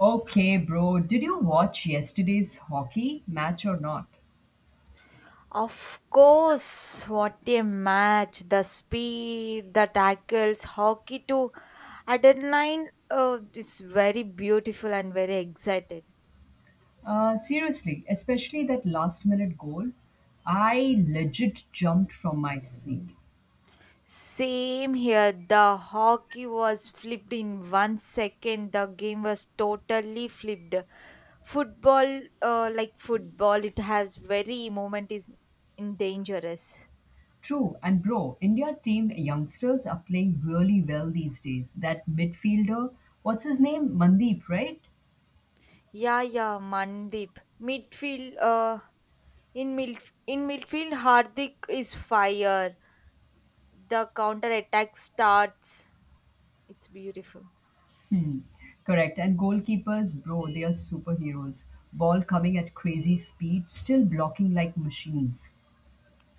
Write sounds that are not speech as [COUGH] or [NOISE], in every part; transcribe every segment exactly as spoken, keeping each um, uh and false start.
Okay, bro, did you watch yesterday's hockey match or not? Of course, what a match! The speed, the tackles, hockey to adrenaline. Oh, it's very beautiful and very excited. Uh, seriously, especially that last minute goal. I legit jumped from my seat. Same here. The hockey was flipped in one second. The game was totally flipped. Football, uh, like football, it has very moment is in dangerous. True, and bro, India team youngsters are playing really well these days. That midfielder, what's his name? Mandeep, right? Yeah, yeah, Mandeep. Midfield, uh, in midf- in midfield, Hardik is fire. The counter attack starts. It's beautiful. Correct. And goalkeepers, bro, they are superheroes. Ball coming at crazy speed, still blocking like machines.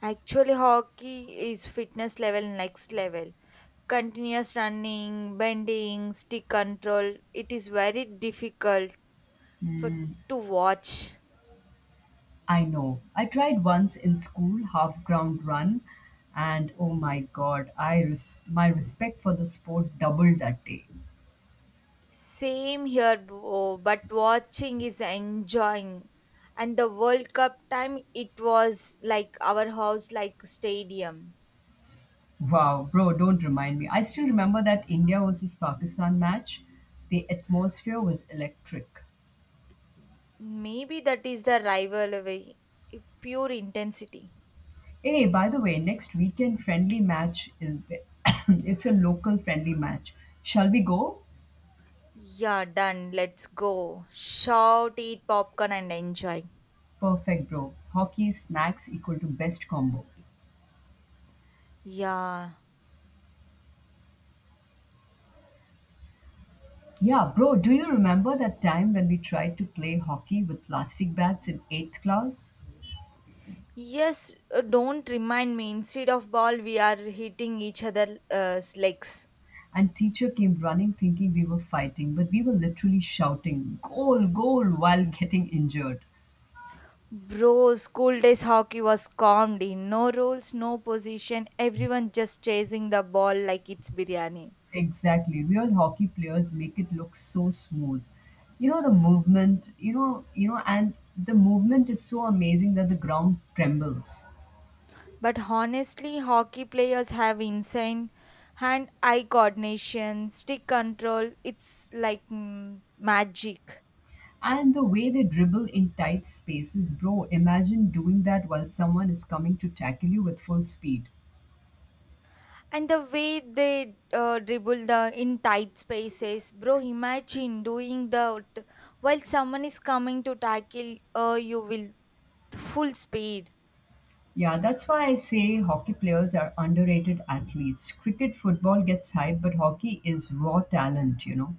Actually, hockey is fitness level next level. Continuous running, bending, stick control. It is very difficult for to watch. I know. I tried once in school, half ground run, and oh my god, I res- my respect for the sport doubled that day. Same here, bro, but watching is enjoying. And the World Cup time, it was like our house, like stadium. Wow, bro, don't remind me. I still remember that India versus Pakistan match. The atmosphere was electric. Maybe that is the rivalry, pure intensity. Hey, by the way, next weekend friendly match is the- [COUGHS] it's a local friendly match. Shall we go? Yeah, done. Let's go. Shout, eat popcorn, and enjoy. Perfect, bro. Hockey snacks equal to best combo. Yeah. Yeah, bro, do you remember that time when we tried to play hockey with plastic bats in eighth class? Yes, uh, don't remind me. Instead of ball, we are hitting each other. other's legs. And teacher came running thinking we were fighting, but we were literally shouting goal, goal while getting injured. Bro, school days hockey was comedy. No rules, no position, everyone just chasing the ball like it's biryani. Exactly. Real hockey players make it look so smooth. You know the movement, you know, you know and the movement is so amazing that the ground trembles. But honestly, hockey players have insane hand eye coordination, stick control. It's like mm, magic. And the way they dribble in tight spaces, bro, imagine doing that while someone is coming to tackle you with full speed. And the way they uh, dribble the in tight spaces, bro. Imagine doing the while someone is coming to tackle uh, you will full speed. Yeah, that's why I say hockey players are underrated athletes. Cricket football gets hype, but hockey is raw talent, you know.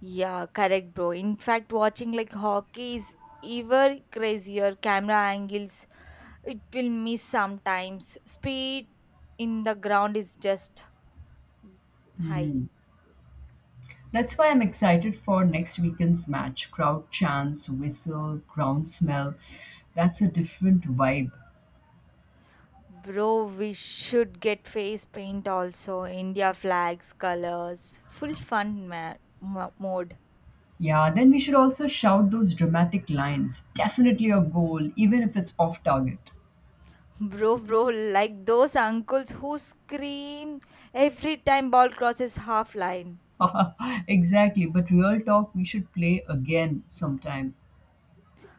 Yeah, correct, bro. In fact, watching like hockey is ever crazier. Camera angles, it will miss sometimes. Speed in the ground is just high. That's why I'm excited for next weekend's match. Crowd chants, whistle, ground smell. That's a different vibe. Bro, we should get face paint also. India flags, colors, full fun ma- mo- mode. Yeah, then we should also shout those dramatic lines. Definitely a goal, even if it's off target. [LAUGHS] Bro, bro, like those uncles who scream every time ball crosses half line. [LAUGHS] Exactly, but real talk, we should play again sometime.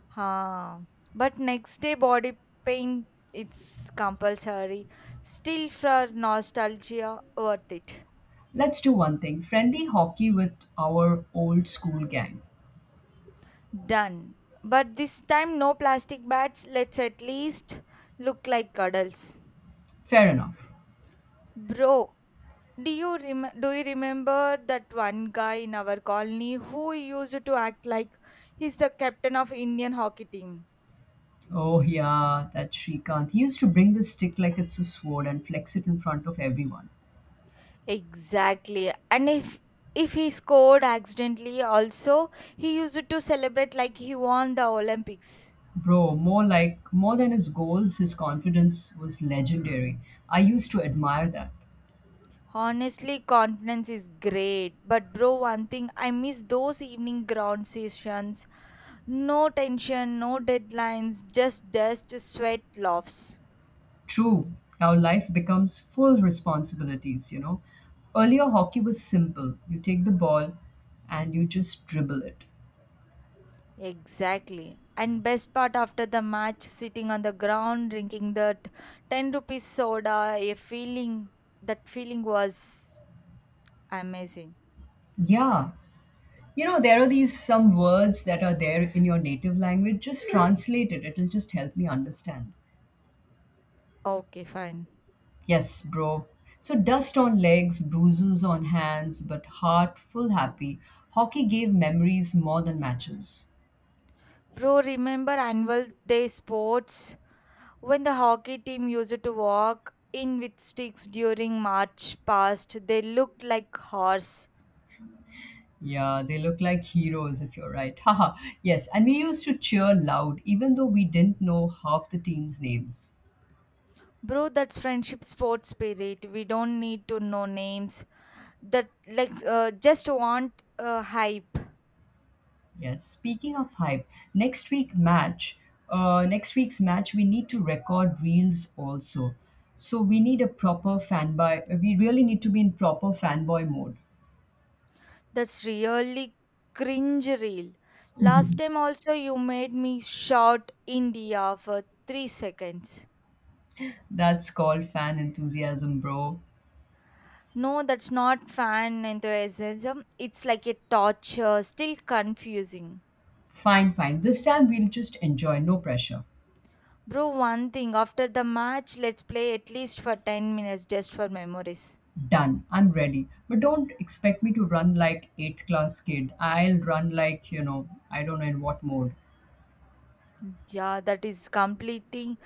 Huh. But next day body pain it's compulsory. Still for nostalgia worth it. Let's do one thing friendly hockey with our old school gang. Done. But this time no plastic bats. Let's at least look like cuddles. Fair enough. Bro, do you rem- do you remember that one guy in our colony who used to act like he's the captain of Indian hockey team? Oh, yeah, that Shrikant. He used to bring the stick like it's a sword and flex it in front of everyone. Exactly. And if if he scored accidentally also, he used it to celebrate like he won the Olympics. Bro, more like, more than his goals, his confidence was legendary. I used to admire that. Honestly, confidence is great. But bro, one thing I miss those evening ground sessions. No tension, no deadlines, just dust, sweat, laughs. True, now life becomes full responsibilities, you know. Earlier, hockey was simple. You take the ball and you just dribble it. Exactly. And best part after the match, sitting on the ground, drinking that ten rupees soda, a feeling, that feeling was amazing. Yeah. You know, there are these some words that are there in your native language. Just translate it, it'll just help me understand. Okay, fine. Yes, bro. So dust on legs, bruises on hands, but heart full happy. Hockey gave memories more than matches. Bro, remember annual day sports when the hockey team used to walk in with sticks during March past? They looked like horse. Yeah, they look like heroes if you're right. [LAUGHS] Haha. Yes, and we used to cheer loud even though we didn't know half the team's names. Bro, that's friendship sports spirit. We don't need to know names. That like uh, just want uh, hype. Yes, speaking of hype, next week match, uh next week's match we need to record reels also. So we need a proper fanboy. We really need to be in proper fanboy mode. That's really cringe real. Last time also you made me shout India for three seconds. That's called fan enthusiasm, bro. No, that's not fan enthusiasm. It's like a torture, still confusing. Fine, fine. This time we'll just enjoy, no pressure. Bro, one thing after the match, let's play at least for ten minutes just for memories. Done. I'm ready. But don't expect me to run like eighth class kid. I'll run like, you know, I don't know in what mode. Yeah, that is completing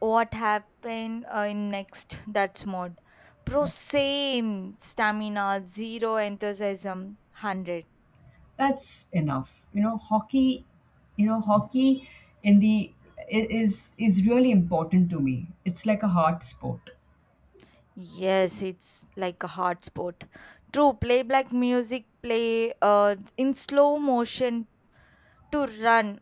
what happened uh, in next that's mode. Bro, Uh, same stamina, zero enthusiasm, one hundred. That's enough. You know, hockey, you know, hockey in the I- is is really important to me. It's like a heart sport. Yes, it's like a hard sport. True, play black music, play uh, in slow motion to run,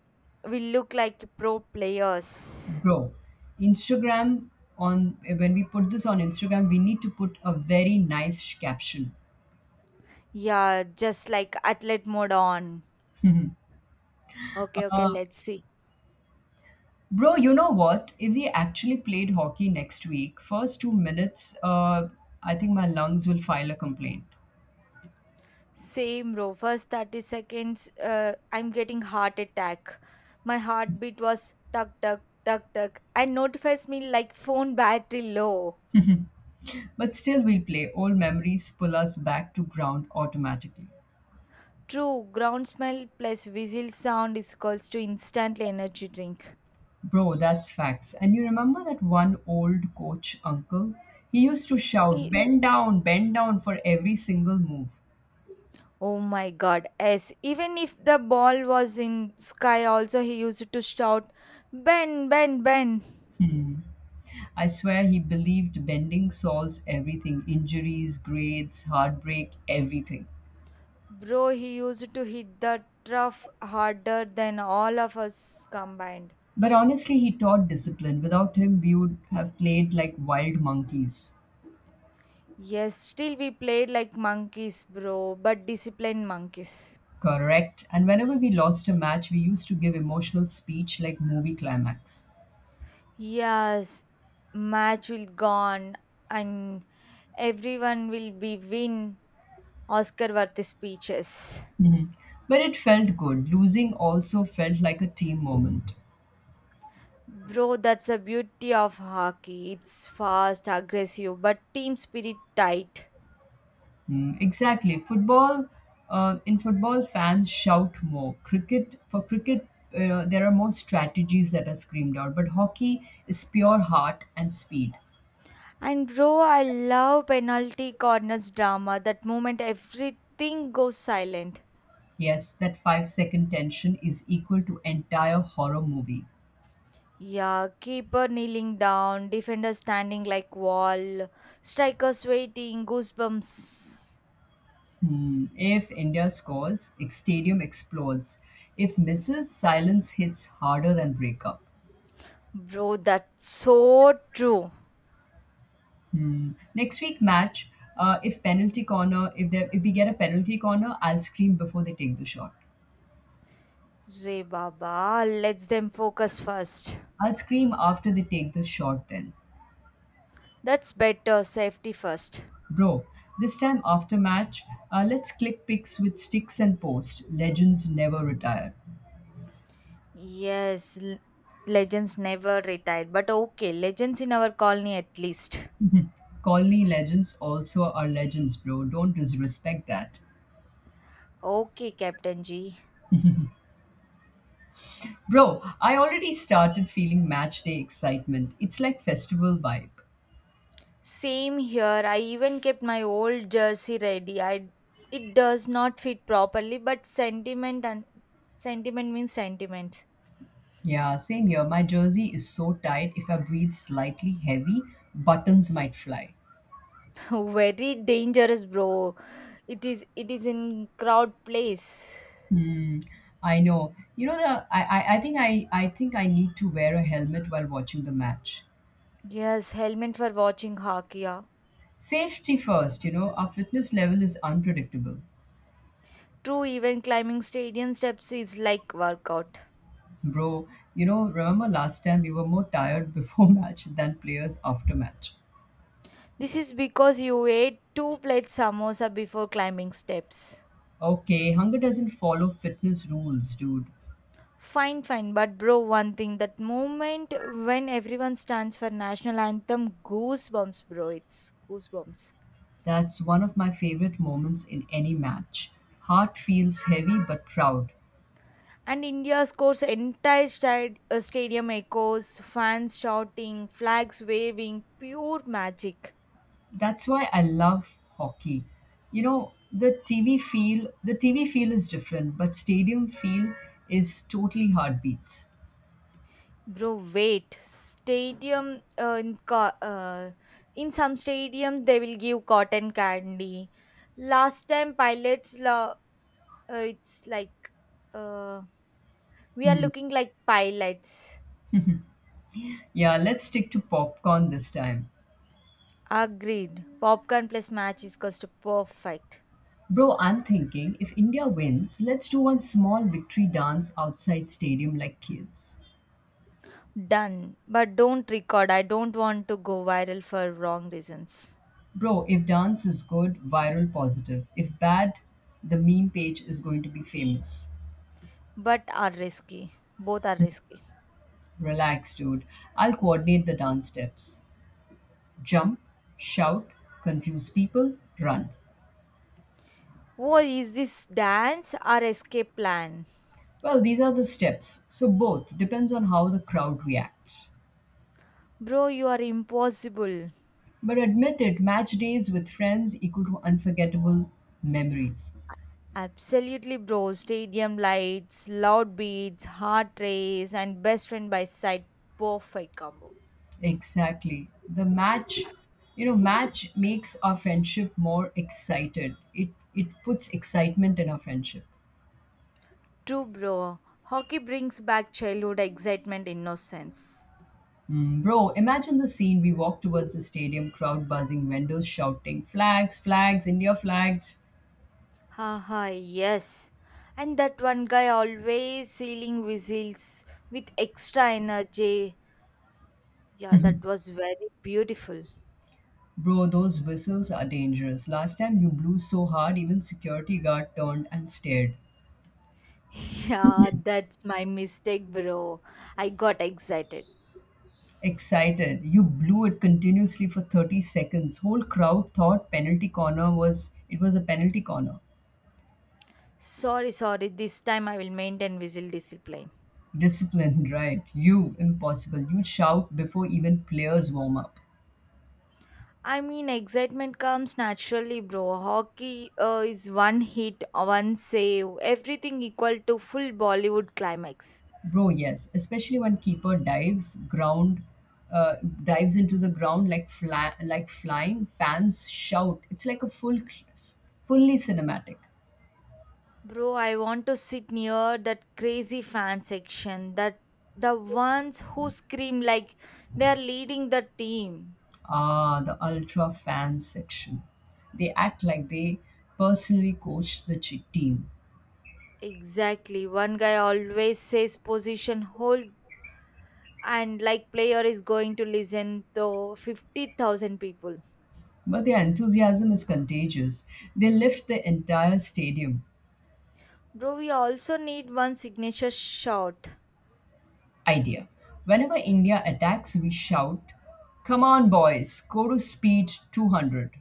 we look like pro players. Bro, Instagram on when we put this on Instagram, we need to put a very nice caption. Yeah, just like athlete mode on. Okay, okay, let's see. Bro, you know what? If we actually played hockey next week, first two minutes, uh, I think my lungs will file a complaint. Same row. First thirty seconds, uh, I'm getting heart attack. My heartbeat was tuck, tuck, tuck, tuck, and notifies me like phone battery low. But still, we'll play. Old memories pull us back to ground automatically. True, ground smell plus whistle sound is equals to instantly energy drink. Bro, that's facts. And you remember that one old coach uncle? He used to shout, bend down, bend down for every single move. Oh my god, yes. Even if the ball was in sky also he used to shout, Ben, Ben, Ben. I swear he believed bending solves everything injuries, grades, heartbreak, everything. Bro, he used to hit the turf harder than all of us combined. But honestly, he taught discipline. Without him, we would have played like wild monkeys. Yes, still we played like monkeys, bro, but disciplined monkeys. Correct. And whenever we lost a match, we used to give emotional speech like movie climax. Yes, match will gone and everyone will be win Oscar worthy speeches. But it felt good. Losing also felt like a team moment. Bro, that's the beauty of hockey. It's fast, aggressive, but team spirit tight. Hmm, exactly. Football, uh, in football, fans shout more. Cricket, for cricket, uh, there are more strategies that are screamed out. But hockey is pure heart and speed. And bro, I love penalty corners drama. That moment everything goes silent. Yes, that five second tension is equal to entire horror movie. Yeah, keeper kneeling down, defender standing like wall, strikers waiting, goosebumps. Hmm, if India scores, ex- stadium explodes. If misses, silence hits harder than breakup. Bro, that's so true. Hmm. Next week match, uh, if penalty corner, if there, if we get a penalty corner, I'll scream before they take the shot. Re Baba, let's them focus first. I'll scream after they take the shot. Then, That's better, safety first. bro, this time after match, uh, let's click pics with sticks and post. Legends never retire. Yes, l- legends never retired. But okay, legends in our colony at least. Colony legends also are legends, bro. Don't disrespect that. Okay, Captain G. Bro, I already started feeling match day excitement. It's like festival vibe. Same here. I even kept my old jersey ready. I it does not fit properly, but sentiment and sentiment means sentiment. Yeah, same here. My jersey is so tight, if I breathe slightly heavy, buttons might fly. [LAUGHS] Very dangerous, bro. It is it is in crowd place. Hmm, I know. You know the I, I, I think I, I think I need to wear a helmet while watching the match. Yes, helmet for watching hockey. Yeah. Safety first, you know, our fitness level is unpredictable. True, even climbing stadium steps is like workout. Bro, you know, remember last time we were more tired before [LAUGHS] match than players after match. This is because you ate two plates samosa before climbing steps. Okay, hunger doesn't follow fitness rules, dude. Fine, fine, but bro, one thing that moment when everyone stands for national anthem, goosebumps, bro. It's goosebumps. That's one of my favorite moments in any match. Heart feels heavy but proud. And India scores entire stad- uh, stadium echoes, fans shouting, flags waving, pure magic. That's why I love hockey. You know, the T V feel, the T V feel is different, but stadium feel is totally heartbeats. Bro, wait. Stadium uh, in co- uh, in some stadium they will give cotton candy last time pilots la. Uh, it's like uh, we are Hmm. looking like pilots. Yeah, let's stick to popcorn this time. Agreed. Popcorn plus match is cost perfect. Bro, I'm thinking if India wins, let's do one small victory dance outside stadium like kids. Done. But don't record. I don't want to go viral for wrong reasons. Bro, if dance is good, viral positive. If bad, the meme page is going to be famous. But are risky. Both are risky. Relax, dude. I'll coordinate the dance steps. Jump, shout, confuse people, run. Oh, is this dance or escape plan? Well, these are the steps, so both depends on how the crowd reacts. Bro, you are impossible. But admit it, match days with friends equal to unforgettable memories. Absolutely, bro. Stadium lights, loud beats, heart race, and best friend by side. Perfect combo. Exactly. The match, you know, match makes our friendship more excited. It it puts excitement in our friendship. True, bro. Hockey brings back childhood excitement, innocence. Mm, bro, imagine the scene. We walk towards the stadium, crowd buzzing, vendors shouting, flags, flags, India flags. Haha, yes. And that one guy always sealing whistles with extra energy. Yeah, that was very beautiful. Bro, those whistles are dangerous. Last time you blew so hard, even security guard turned and stared. [LAUGHS] Yeah, that's my mistake, bro. I got excited. Excited. You blew it continuously for thirty seconds. Whole crowd thought penalty corner was it was a penalty corner. Sorry, sorry. This time I will maintain whistle discipline. Disciplined, [LAUGHS] right? You impossible. You shout before even players warm up. I mean, excitement comes naturally, bro. Hockey uh, is one hit, one save, everything equal to full Bollywood climax. Bro, yes, especially when keeper dives ground, uh, dives into the ground like fly, like flying. Fans shout. It's like a full, fully cinematic. Bro, I want to sit near that crazy fan section, that the ones who scream like they are leading the team. Ah, the ultra fan section. They act like they personally coached the ch- team, Exactly. One guy always says position hold and like player is going to listen to fifty thousand people. but their enthusiasm is contagious. They lift the entire stadium. Bro, we also need one signature shot. Idea. Whenever India attacks, we shout, "Come on, boys! Go to speed two hundred."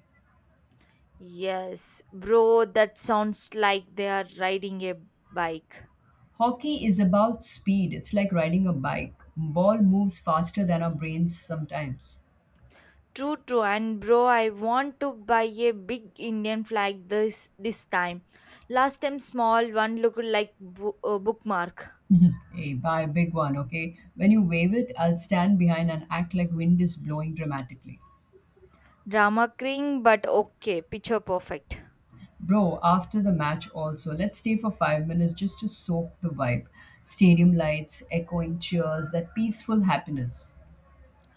Yes, bro, that sounds like they are riding a bike. Hockey is about speed. It's like riding a bike. Ball moves faster than our brains sometimes. True, true, and bro, I want to buy a big Indian flag this this time. Last time, small one looked like bo- uh, bookmark. [LAUGHS] Hey, buy a big one, okay? When you wave it, I'll stand behind and act like wind is blowing dramatically. Drama king, but okay, picture perfect. Bro, after the match also, let's stay for five minutes just to soak the vibe. Stadium lights, echoing cheers, that peaceful happiness.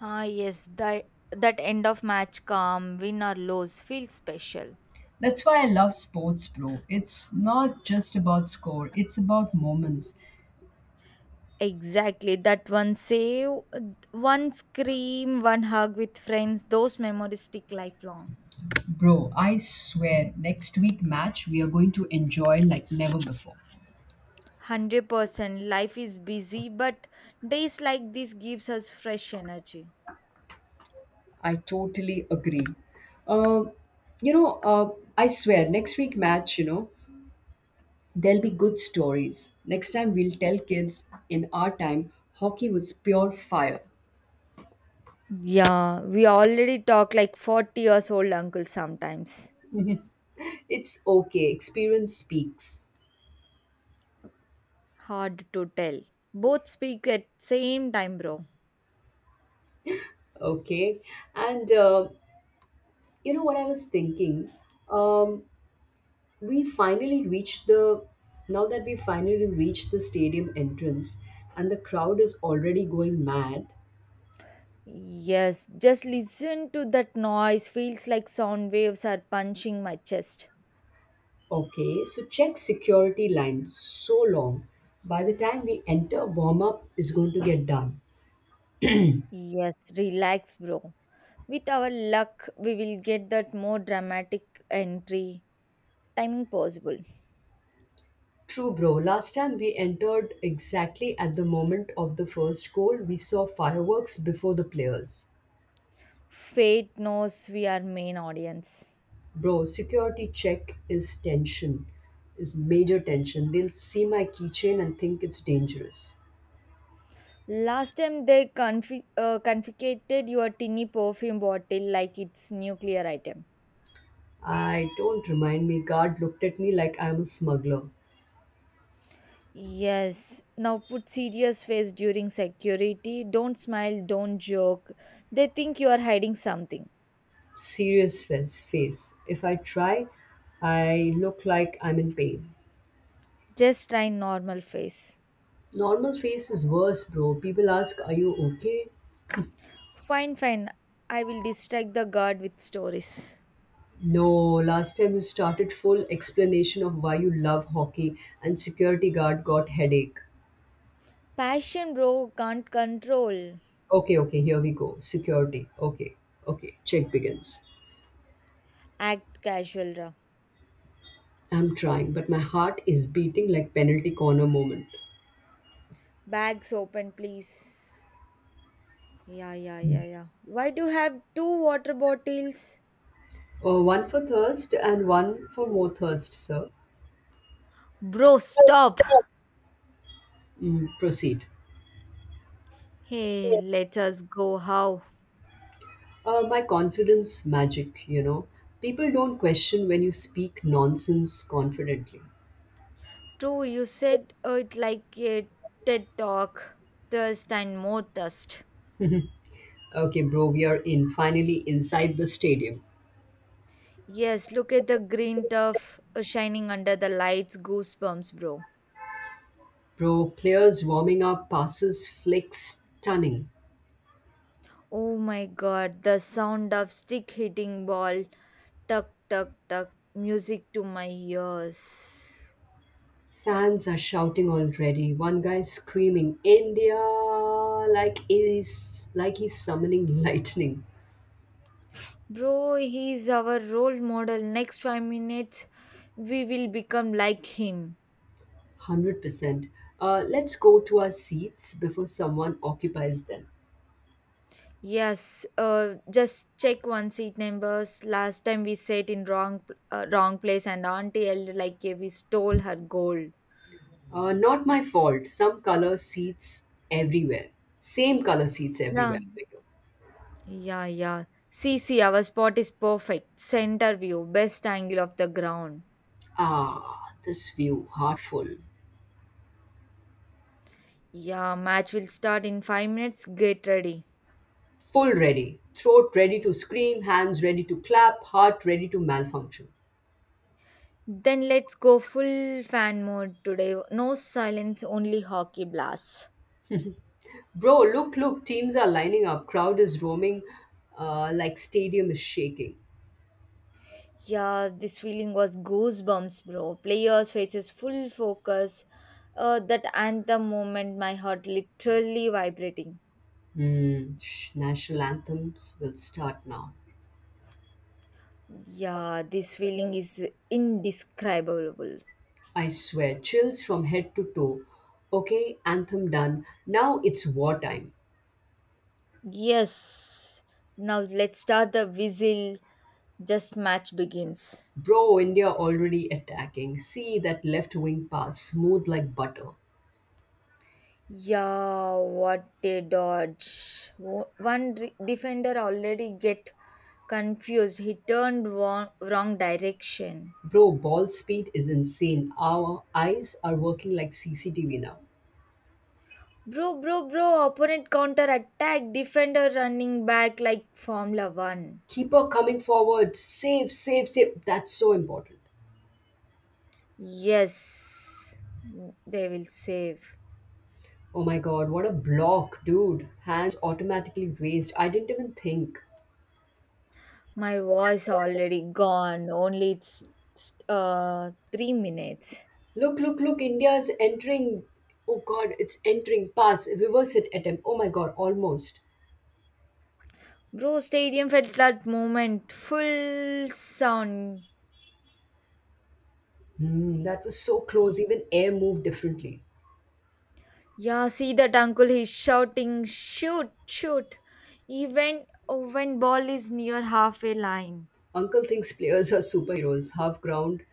Ah, yes, that that end of match calm, win or lose, feels special. That's why I love sports, bro. It's not just about score, it's about moments. Exactly, that one save, one scream, one hug with friends, those memories stick lifelong. Bro, I swear, next week match we are going to enjoy like never before. one hundred percent life is busy but days like this gives us fresh energy. I totally agree. Um, you know, uh, I swear, next week match, you know, there'll be good stories. Next time we'll tell kids in our time, hockey was pure fire. Yeah, we already talk like forty years old uncle sometimes. It's okay. Experience speaks. Hard to tell, both speak at same time, bro. Okay. And uh, You know what I was thinking? Um, we finally reached the Now that we finally reached the stadium entrance and the crowd is already going mad. Yes, just listen to that noise. Feels like sound waves are punching my chest. Okay, so check security, line so long, by the time we enter warm up is going to get done. Yes, relax, bro. With our luck, we will get that more dramatic entry timing possible. True bro, last time we entered exactly at the moment of the first goal, we saw fireworks before the players. Fate knows we are main audience. Bro, security check is tension is major tension. They'll see my keychain and think it's dangerous. Last time they confi- uh, confiscated your tinny perfume bottle like it's nuclear item. I don't remind me, guard looked at me like I'm a smuggler. Yes. Now put serious face during security. Don't smile. Don't joke. They think you are hiding something. Serious face, face. If I try, I look like I'm in pain. Just try normal face. Normal face is worse, bro. People ask, are you okay? Fine, fine. I will distract the guard with stories. No, last time you started full explanation of why you love hockey and security guard got headache. Passion, bro. Can't control. Okay, okay, here we go. Security. Okay, okay. Check begins. Act casual, ra. I'm trying, but my heart is beating like penalty corner moment. Bags open, please. Yeah, yeah, yeah, yeah. Why do you have two water bottles? Uh, one for thirst and one for more thirst, sir. Bro, stop. Mm, proceed. Hey, let us go. How? Uh, my confidence magic, you know. People don't question when you speak nonsense confidently. True, you said uh, it like a TED talk. Thirst and more thirst. Okay, bro, we are in finally inside the stadium. Yes, look at the green turf uh, shining under the lights. Goosebumps, bro. Bro, players warming up, passes flick stunning. Oh my god, the sound of stick hitting ball. Tuck, tuck, tuck. Music to my ears. Fans are shouting already. One guy screaming, India, like he's, like he's summoning [LAUGHS] lightning. Bro, he's our role model. Next five minutes, we will become like him. one hundred percent. Uh, let's go to our seats before someone occupies them. Yes, uh, just check one seat numbers. Last time we sat in wrong p- uh, wrong place and auntie yelled like eh, we stole her gold. Uh, not my fault. Some color seats everywhere. Same color seats Yeah, everywhere. yeah, yeah. See, see, our spot is perfect. Center view, best angle of the ground. Ah, this view, heart full. Yeah, match will start in five minutes. Get ready. Full ready. Throat ready to scream, hands ready to clap, heart ready to malfunction. Then let's go full fan mode today. No silence, only hockey blasts. Bro, look, look, teams are lining up. Crowd is roaming uh, like stadium is shaking. Yeah, this feeling was goosebumps, bro. Players' faces full focus. Uh, that anthem moment, my heart literally vibrating. Hmm, sh- national anthems will start now. Yeah, this feeling is indescribable. I swear, chills from head to toe. Okay, anthem done. Now it's wartime. Yes. Now let's start the whistle. Just match begins. Bro, India already attacking. See that left wing pass, smooth like butter. Yeah, what a dodge. Wo- One re- defender already get confused. He turned wrong, wrong direction. Bro, ball speed is insane. Our eyes are working like C C T V now. Bro, bro, bro, opponent counter attack, defender running back like Formula One. Keeper coming forward. Save, save, save. That's so important. Yes, they will save. Oh my God, what a block, dude. Hands automatically raised. I didn't even think. My voice already gone, only it's uh, three minutes. Look, look, look, India is entering. Oh God, it's entering. Pass, reverse it attempt. Oh my God, almost. Bro, stadium felt that moment, full sound. Hmm, that was so close. Even air moved differently. Yeah, see that uncle, he's shouting, shoot, shoot, even when ball is near halfway line. Uncle thinks players are superheroes. Half ground,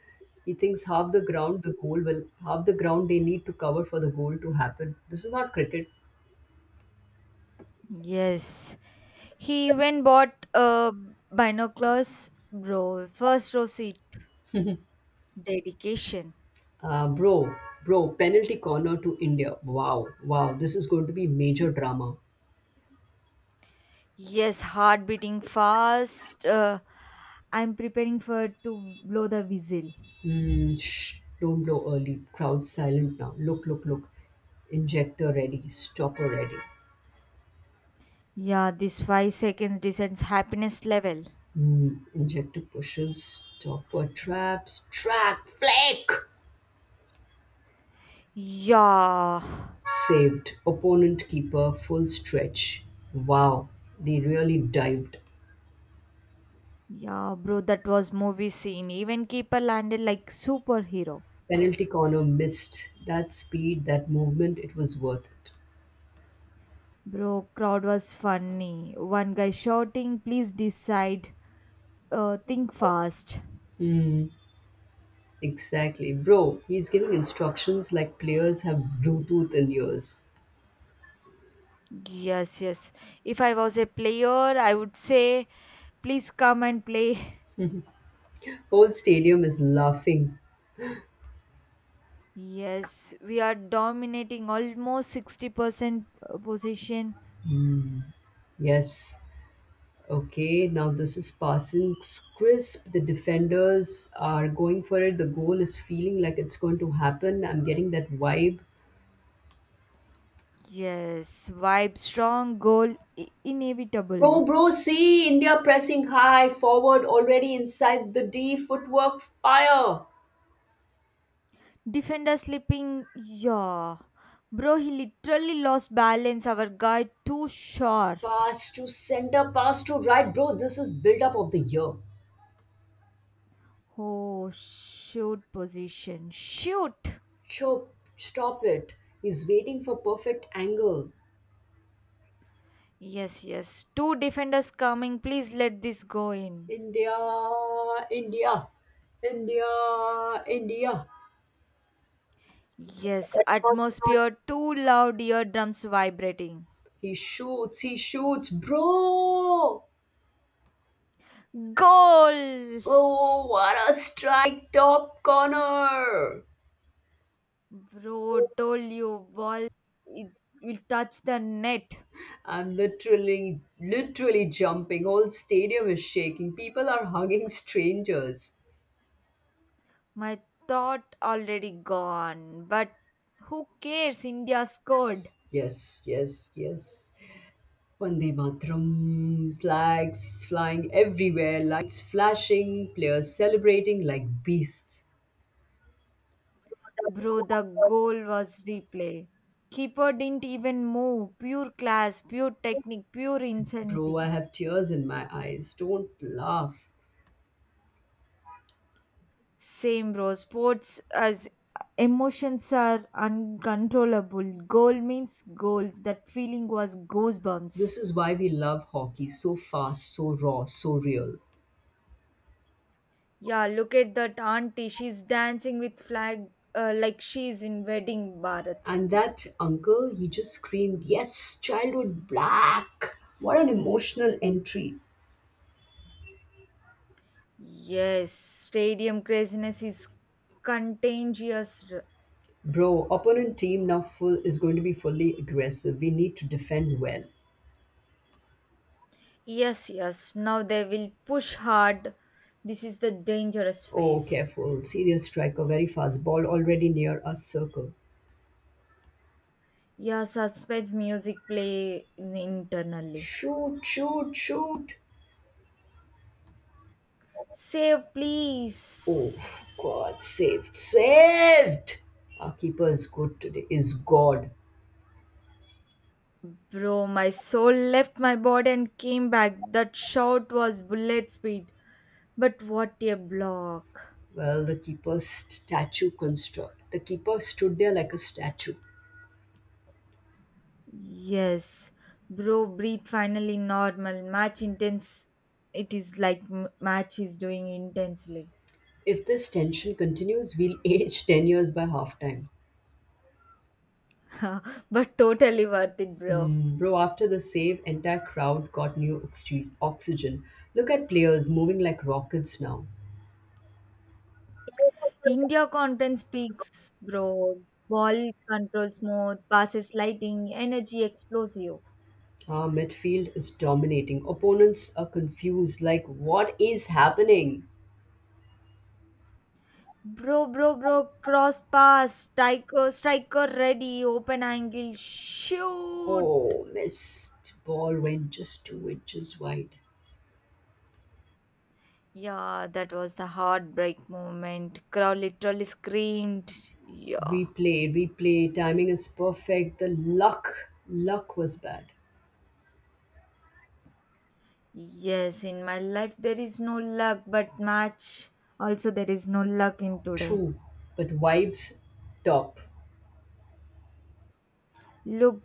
he thinks half the ground the goal will, half the ground they need to cover for the goal to happen. This is not cricket. Yes. He even bought a binoculars, bro. First row seat. Dedication. Uh, bro, bro, penalty corner to India. Wow, wow, this is going to be major drama. Yes, heart beating fast. Uh, I'm preparing for to blow the whistle. Mm, shh, don't blow early. Crowd silent now. Look, look, look. Injector ready. Stopper ready. Yeah, this five seconds descends happiness level. Mm, injector pushes. Stopper traps. Trap. Flick. Yeah. Saved. Opponent keeper. Full stretch. Wow. They really dived. Yeah, bro, that was movie scene. Even keeper landed like superhero. Penalty corner missed. That speed, that movement, it was worth it. Bro, crowd was funny. One guy shouting, please decide. Uh, think fast. Exactly. Bro, he's giving instructions like players have Bluetooth in ears. Yes, yes. If I was a player, I would say, please come and play. [LAUGHS] Whole stadium is laughing. Yes, we are dominating almost sixty percent position. Yes, okay, now this is passing crisp. The defenders are going for it. The goal is feeling like it's going to happen. I'm getting that vibe. Yes, vibe strong, goal i- inevitable. Bro, bro, see India pressing high forward already inside the D footwork fire. Defender slipping, yeah. Bro, he literally lost balance. Our guy too sharp. Pass to center, pass to right, bro. This is build up of the year. Oh, shoot position. Shoot! Chop, stop it. He's waiting for perfect angle. Yes, yes. Two defenders coming. Please let this go in. India, India, India, India. Yes, atmosphere too loud, eardrums vibrating. He shoots, he shoots, bro! Goal! Oh, what a strike top corner! Bro, told you, ball, it will touch the net. I'm literally, literally jumping. Whole stadium is shaking. People are hugging strangers. My thought already gone, but who cares? India scored. Yes, yes, yes. Vande Matram. Flags flying everywhere, lights flashing, players celebrating like beasts. Bro, the goal was replay. Keeper didn't even move. Pure class, pure technique, pure Bro, I insanity. have tears in my eyes. Don't laugh. Same, bro. Sports as emotions are uncontrollable. Goal means goals. That feeling was This goosebumps. is why we love hockey so fast, so raw, so real. Yeah, look at that auntie. She's dancing with flag uh, like she's in wedding, Bharat. And that uncle, he just screamed, yes, childhood black. What an emotional entry. Yes, stadium craziness is contagious. r- Bro, opponent team now full is going to be fully aggressive. We need to defend well. Yes, yes. Now they will push hard. This is the dangerous Oh, phase. careful. Serious striker, very fast. Ball already near us circle. Yeah, suspense music play in- internally. Shoot, shoot, shoot. Save, Oh, please. God, saved, saved. Our keeper is good today, is God. Bro, my soul left my body and came back. That shout was bullet speed. But what a block. Well, the keeper's statue construct. The keeper stood there like a statue. Yes. Bro, breathe finally normal. Match intense. It is like m- match is doing intensely. If this tension continues, we'll [LAUGHS] age ten years by halftime. [LAUGHS] But totally worth it, bro. Hmm, bro, after the save, entire crowd got new oxy- oxygen. Look at players moving like rockets now. India conference peaks, bro. Ball control smooth, passes lighting, energy explosive. Our midfield is dominating. Opponents are confused, like, what is happening? Bro, bro, bro, cross pass, striker, striker ready, open angle, shoot. Oh, missed. Ball went just two inches wide. Yeah, that was the heartbreak moment. Crowd literally screamed. Yeah. Replay, replay. Timing is perfect. The luck, luck was bad. Yes, in my life there is no luck, but match also there is no luck in today. True, but vibes top. Look,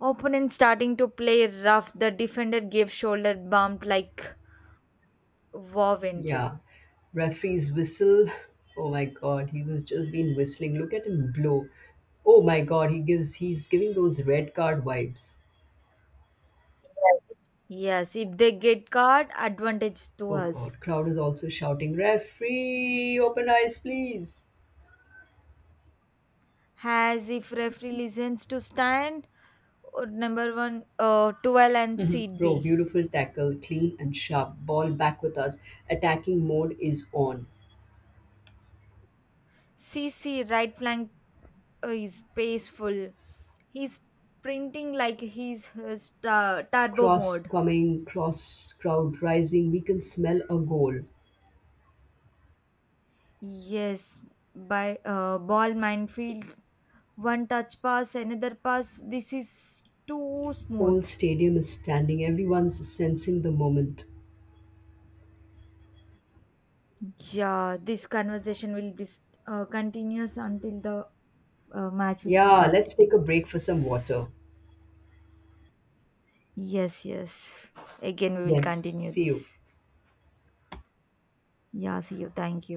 opponent starting to play rough. The defender gave shoulder bump like wow entry. Yeah. Referee's whistle. [LAUGHS] Oh my God, he was just been whistling. Look at him blow. Oh my God, he gives he's giving those red card vibes. Yes, if they get card, advantage to Oh us. God, crowd is also shouting, referee, open eyes, please. Has if referee listens to stand or number one uh, twelve and seat Bro, B beautiful tackle, clean and sharp. Ball back with us. Attacking mode is on. C C right flank uh, is paceful. He's sprinting like he's his uh, turbo Cross mode. coming, cross crowd rising. We can smell a goal. Yes, by uh, ball minefield, one touch pass, another pass. This is too smooth. Whole stadium is standing. Everyone's sensing the moment. Yeah, this conversation will be uh, continuous until the uh, match will be Yeah, let's take completed. a break for some water. Yes, yes. Again, we will Yes. continue See you. this. Yeah, see you. Thank